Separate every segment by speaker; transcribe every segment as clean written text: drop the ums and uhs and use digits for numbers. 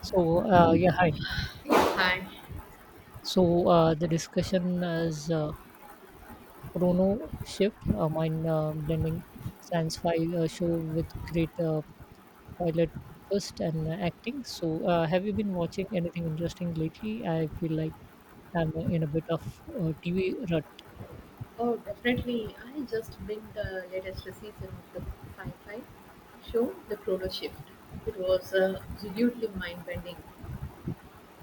Speaker 1: Hi.
Speaker 2: Yes, hi.
Speaker 1: So, the discussion is Chrono Shift, a mind blending science fi show with great pilot twist and acting. So, have you been watching anything interesting lately? I feel like I'm in a bit of TV rut.
Speaker 2: Oh, definitely. I just binged the latest season of the sci-fi show, The Chrono Shift. It was absolutely mind-bending.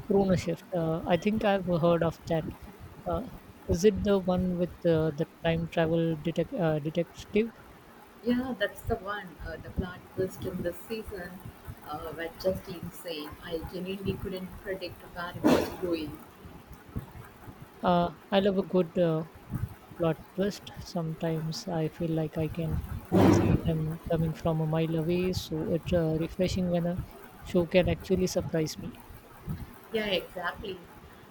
Speaker 1: Chrono Shift, I think I've heard of that. Uh, is it the one with the time travel detective?
Speaker 2: Yeah, that's the one. The plot twist in this season were just insane. I genuinely couldn't predict where it was going.
Speaker 1: I love a good plot twist. Sometimes I feel like I can see them coming from a mile away, so it's refreshing when a show can actually surprise me.
Speaker 2: Yeah, exactly.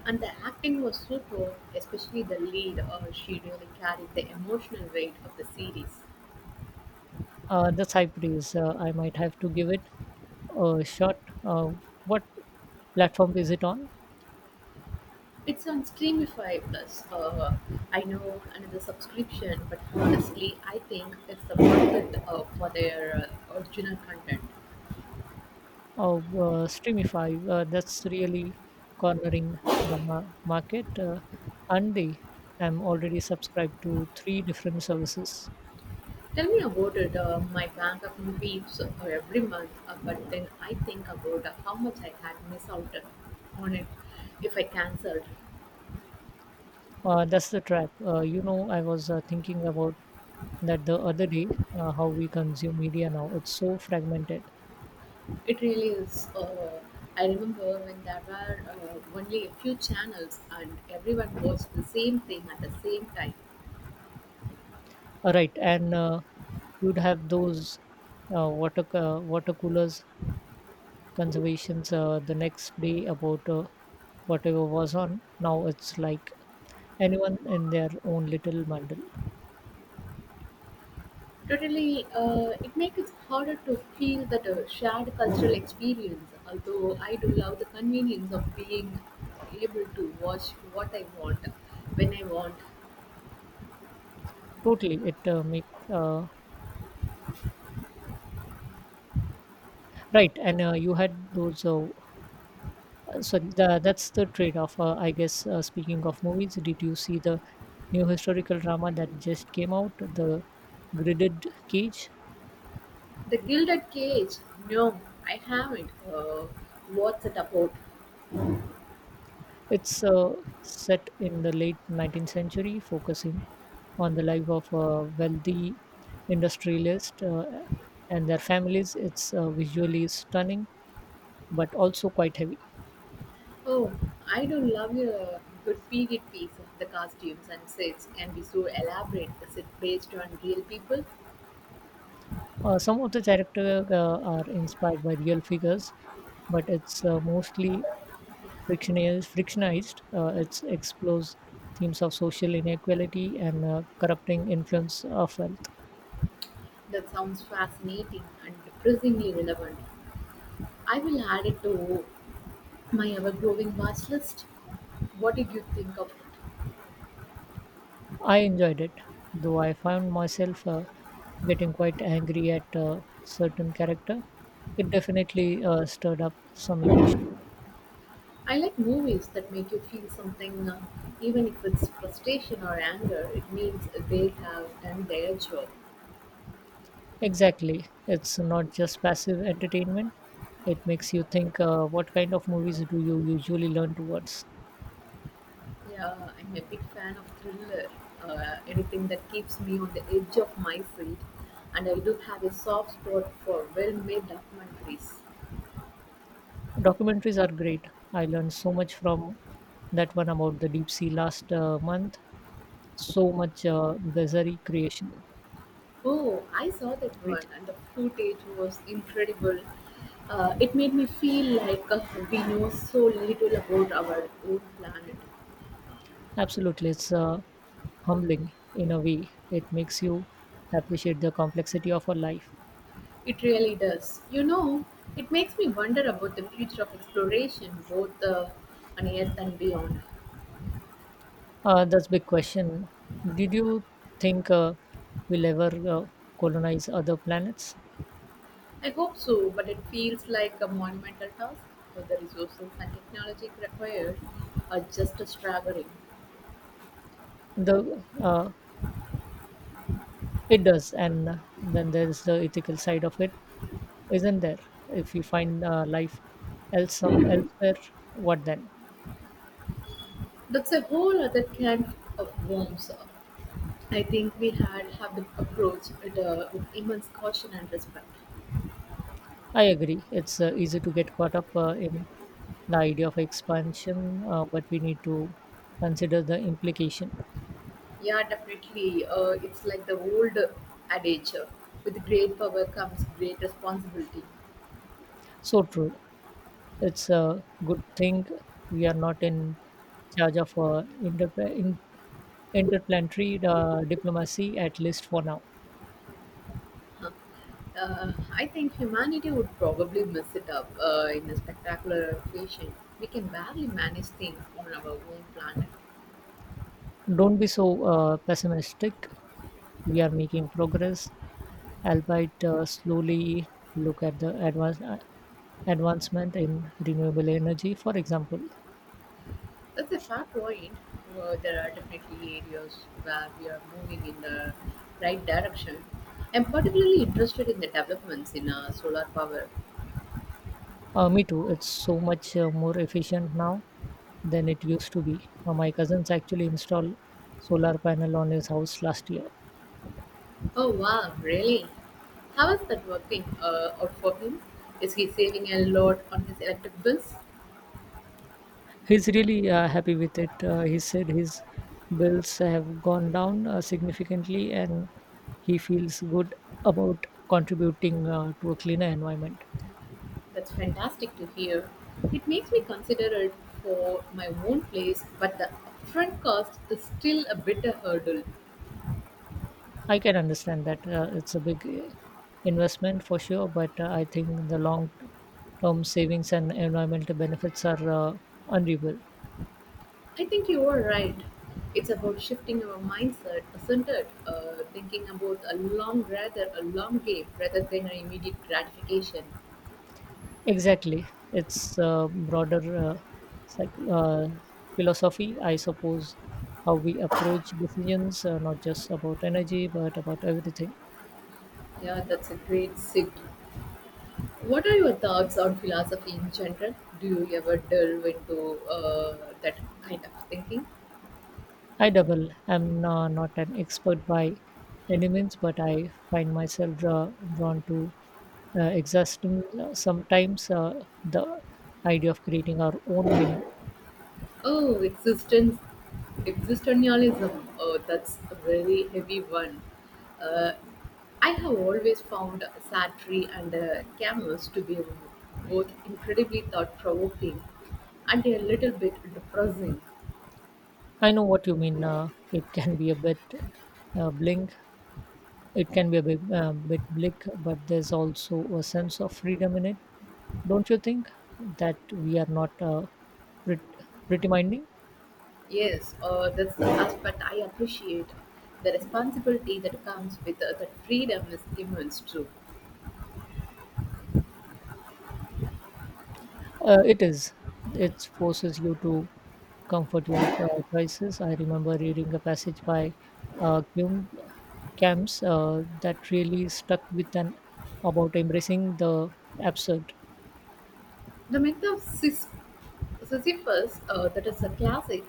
Speaker 2: And the acting was superb, especially the lead. She really carried the emotional weight of the series.
Speaker 1: That's high praise. I might have to give it a shot. Uh, what platform is it on?
Speaker 2: It's on Streamify Plus. I know another subscription, but honestly, I think it's the worth it for their original content.
Speaker 1: Oh, Streamify. That's really cornering the market. And they, I'm already subscribed to three different services.
Speaker 2: Tell me about it. My bank of movies every month, but then I think about how much I had missed out on it if I cancelled.
Speaker 1: That's the trap. I was thinking about that the other day, how we consume media now. It's so fragmented.
Speaker 2: It really is. I remember when there were only a few channels and everyone watched the same thing at the same time.
Speaker 1: All right, and you'd have those water coolers conservations the next day about whatever was on. Now it's like anyone in their own little bundle.
Speaker 2: Totally, it makes it harder to feel that shared cultural experience. Although I do love the convenience of being able to watch what I want when I want.
Speaker 1: Totally it make uh, right and you had those sorry the, That's the trade off, I guess. Speaking of movies, did you see the new historical drama that just came out, the gridded cage?
Speaker 2: The Gilded Cage, no, I haven't. What's it about?
Speaker 1: It's set in the late 19th century, focusing on the life of a wealthy industrialist and their families. It's visually stunning, but also quite heavy.
Speaker 2: Oh, I do love a good period piece. The costumes and sets can be so elaborate. Is it based on real people?
Speaker 1: Some of the characters are inspired by real figures, but it's mostly frictionized. It explores themes of social inequality and corrupting influence of wealth.
Speaker 2: That sounds fascinating and surprisingly relevant. I will add it to my ever-growing watch list. What did you think of it?
Speaker 1: I enjoyed it, though I found myself getting quite angry at a certain character. It definitely stirred up some emotion.
Speaker 2: I like movies that make you feel something, even if it's frustration or anger. It means they have done their job.
Speaker 1: Exactly. It's not just passive entertainment. It makes you think. Uh, what kind of movies do you usually learn towards?
Speaker 2: Yeah, I'm a big fan of thriller. Anything that keeps me on the edge of my seat, and I do have a soft spot for well-made documentaries.
Speaker 1: Documentaries are great. I learned so much from that one about the deep sea last month. So much bizarre creation.
Speaker 2: Oh, I saw that one,
Speaker 1: Creature.
Speaker 2: and the footage was incredible. It made me feel like we know so little about our own planet.
Speaker 1: Absolutely. It's humbling in a way. It makes you appreciate the complexity of our life.
Speaker 2: It really does. You know, it makes me wonder about the future of exploration, both on Earth and beyond.
Speaker 1: That's big question. Did you think we'll ever colonize other planets?
Speaker 2: I hope so, but it feels like a monumental task, for the resources and technology required are just staggering.
Speaker 1: The it does, and then there's the ethical side of it, isn't there? If we find life elsewhere, what then?
Speaker 2: That's a whole other can of worms. I think we had have to approach it with immense caution and respect.
Speaker 1: I agree. It's easy to get caught up in the idea of expansion, but we need to consider the implication.
Speaker 2: Yeah, definitely. It's like the old adage: with great power comes great responsibility.
Speaker 1: So true. It's a good thing we are not in charge of interplanetary diplomacy, at least for now.
Speaker 2: I think humanity would probably mess it up in a spectacular fashion. We can barely manage things on our own planet.
Speaker 1: Don't be so pessimistic. We are making progress, albeit slowly. Look at the advancement in renewable energy, for example.
Speaker 2: That's a fair point. Well, there are definitely areas where we are moving in the right direction. I'm particularly interested in the developments in solar power.
Speaker 1: Me too. It's so much more efficient now than it used to be. My cousins actually installed solar panel on his house last year.
Speaker 2: Oh wow, really? How is that working out for him? Is he saving a lot on his electric bills?
Speaker 1: He's really happy with it. He said his bills have gone down significantly and he feels good about contributing to a cleaner environment.
Speaker 2: That's fantastic to hear. It makes me consider it for my own place, but the upfront cost is still a bit a hurdle.
Speaker 1: I can understand that. It's a big investment for sure, but I think the long term savings and environmental benefits are unreal.
Speaker 2: I think you are right. It's about shifting our mindset, isn't it? Thinking about a long, rather a long game rather than an immediate gratification.
Speaker 1: Exactly. It's a broader psych- uh, philosophy, I suppose, how we approach decisions, not just about energy, but about everything.
Speaker 2: Yeah, that's a great sit. What are your thoughts on philosophy in general? Do you ever delve into that kind of thinking?
Speaker 1: I double. I'm not an expert by any means, but I find myself drawn to exhaustion sometimes, the idea of creating our own meaning.
Speaker 2: Oh, existence, existentialism. Oh, that's a very heavy one. Uh, I have always found Sartre and Camus to be both incredibly thought-provoking and a little bit depressing.
Speaker 1: I know what you mean. Uh, bling It can be a bit, bit bleak, but there's also a sense of freedom in it. Don't you think that we are not pretty minding?
Speaker 2: Yes, that's the aspect I appreciate. The responsibility that comes with that freedom is immense too.
Speaker 1: It is. It forces you to comfort your crisis. I remember reading a passage by Hume Camps that really stuck with an about embracing the absurd.
Speaker 2: The myth of Sisyphus, that is a classic.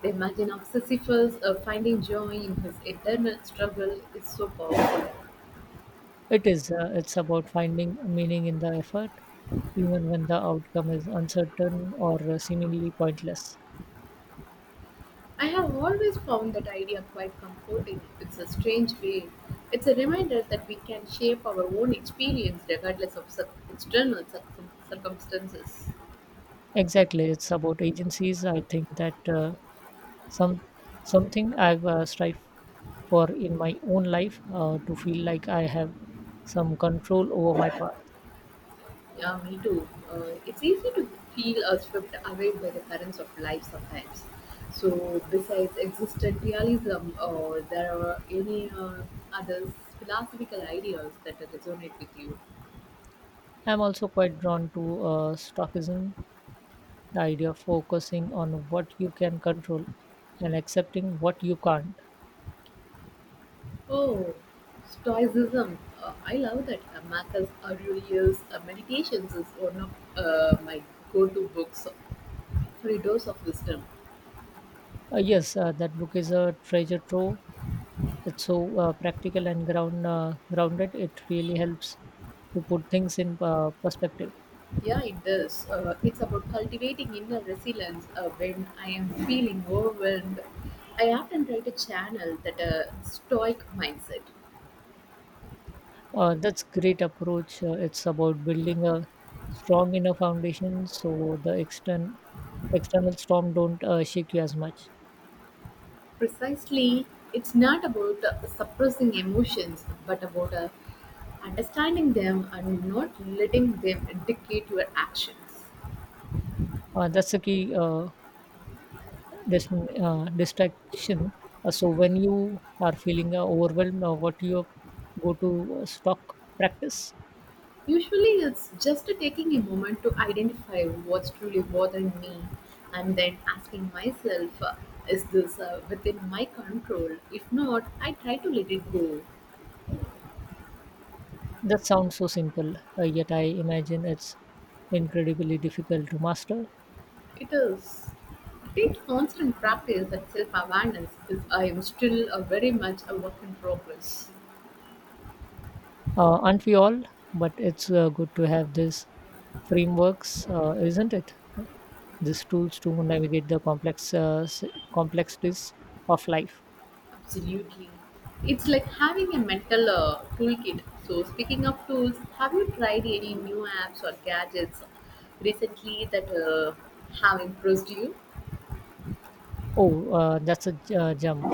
Speaker 2: The imagine of Sisyphus finding joy in his internal struggle is so powerful.
Speaker 1: It is. It's about finding meaning in the effort, even when the outcome is uncertain or seemingly pointless.
Speaker 2: I have always found that idea quite comforting. It's a strange way. It's a reminder that we can shape our own experience regardless of external circumstances.
Speaker 1: Exactly, it's about agencies. I think that some something I've strived for in my own life to feel like I have some control over my path.
Speaker 2: Yeah, me too. It's easy to feel swept away by the currents of life sometimes. So, besides existent realism, or there are any other philosophical ideas that resonate with you?
Speaker 1: I'm also quite drawn to stoicism, the idea of focusing on what you can control and accepting what you can't.
Speaker 2: Oh, Stoicism. I love that Marcus Aurelius' Meditations is one of my go-to books for a dose of wisdom.
Speaker 1: Yes, that book is a treasure trove. It's so practical and ground grounded. It really helps to put things in perspective.
Speaker 2: Yeah, it does. It's about cultivating inner resilience. When I am feeling overwhelmed, I often try to channel that stoic mindset.
Speaker 1: That's great approach. It's about building a strong inner foundation so the external storm don't shake you as much.
Speaker 2: Precisely, it's not about suppressing emotions, but about understanding them and not letting them dictate your actions.
Speaker 1: That's the key, this, distraction. So when you are feeling overwhelmed, what you go to stock practice.
Speaker 2: Usually, it's just taking a moment to identify what's truly bothering me and then asking myself, is this within my control? If not, I try to let it go.
Speaker 1: That sounds so simple, yet I imagine it's incredibly difficult to master.
Speaker 2: It is. It takes constant practice and self awareness because I am still a very much a work in progress.
Speaker 1: Aren't we all? But it's good to have these frameworks, isn't it? These tools to navigate the complexities of life.
Speaker 2: Absolutely. It's like having a mental toolkit. So, speaking of tools, have you tried any new apps or gadgets recently that have impressed you?
Speaker 1: Jump.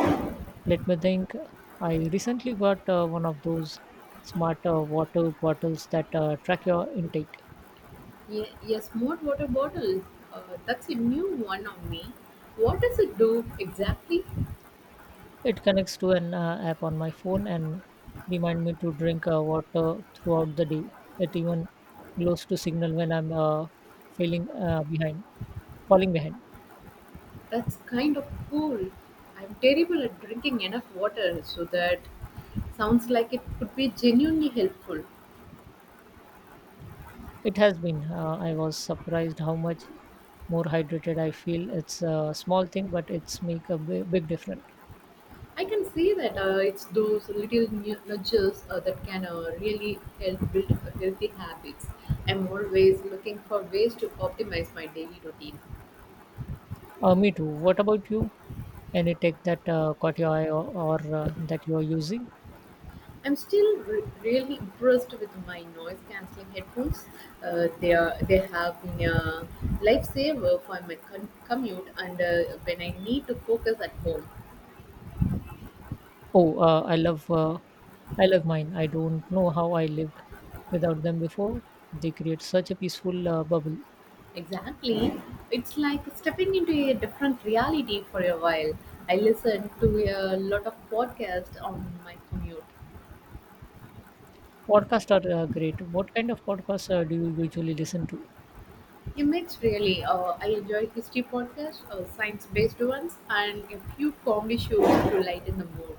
Speaker 1: Let me think. I recently got one of those smart water bottles that track your intake.
Speaker 2: Yes, smart water bottle. That's a new one on me. What does it do exactly?
Speaker 1: It connects to an app on my phone and remind me to drink water throughout the day. It even glows to signal when I'm feeling uh, behind, falling behind.
Speaker 2: That's kind of cool. I'm terrible at drinking enough water, so that sounds like it could be genuinely helpful.
Speaker 1: It has been. I was surprised how much more hydrated I feel. It's a small thing, but it's make a big difference.
Speaker 2: I can see that it's those little nudges that can really help build healthy habits. I'm always looking for ways to optimize my daily routine.
Speaker 1: Me too. What about you? Any tech that caught your eye or that you are using?
Speaker 2: I'm still really impressed with my noise cancelling headphones. They have been a lifesaver for my commute and when I need to focus at home.
Speaker 1: Oh, I love mine. I don't know how I lived without them before. They create such a peaceful bubble.
Speaker 2: Exactly. It's like stepping into a different reality for a while. I listen to a lot of podcasts on my commute.
Speaker 1: Podcasts are great. What kind of podcasts do you usually listen to?
Speaker 2: A mix, really. I enjoy history podcasts, science based ones, and a few comedy shows to lighten the mood.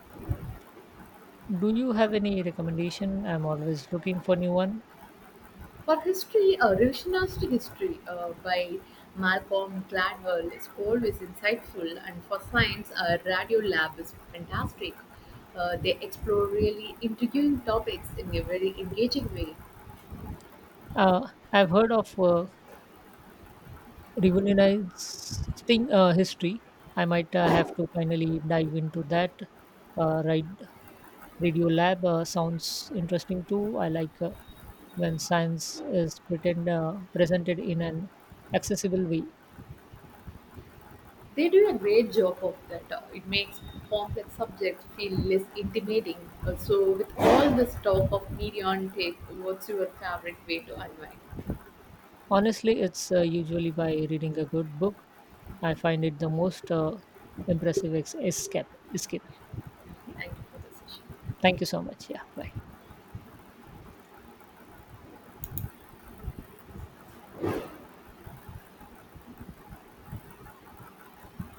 Speaker 1: Do you have any recommendation? I'm always looking for new one.
Speaker 2: For history, revisionist history by Malcolm Gladwell is always insightful, and for science, Radio Lab is fantastic. They explore really intriguing topics in a very engaging way.
Speaker 1: Uh, I've heard of revolutionizing history. I might have to finally dive into that. Right, Radio Lab sounds interesting too. I like when science is presented in an accessible way.
Speaker 2: They do a great job of that. It makes complex subjects feel less intimidating. So, with all this talk of media and tech, what's your favorite way to unwind?
Speaker 1: Honestly, it's usually by reading a good book. I find it the most impressive escape. Escape. Yeah.
Speaker 2: Thank you for the session.
Speaker 1: Thank you so much. Yeah. Bye.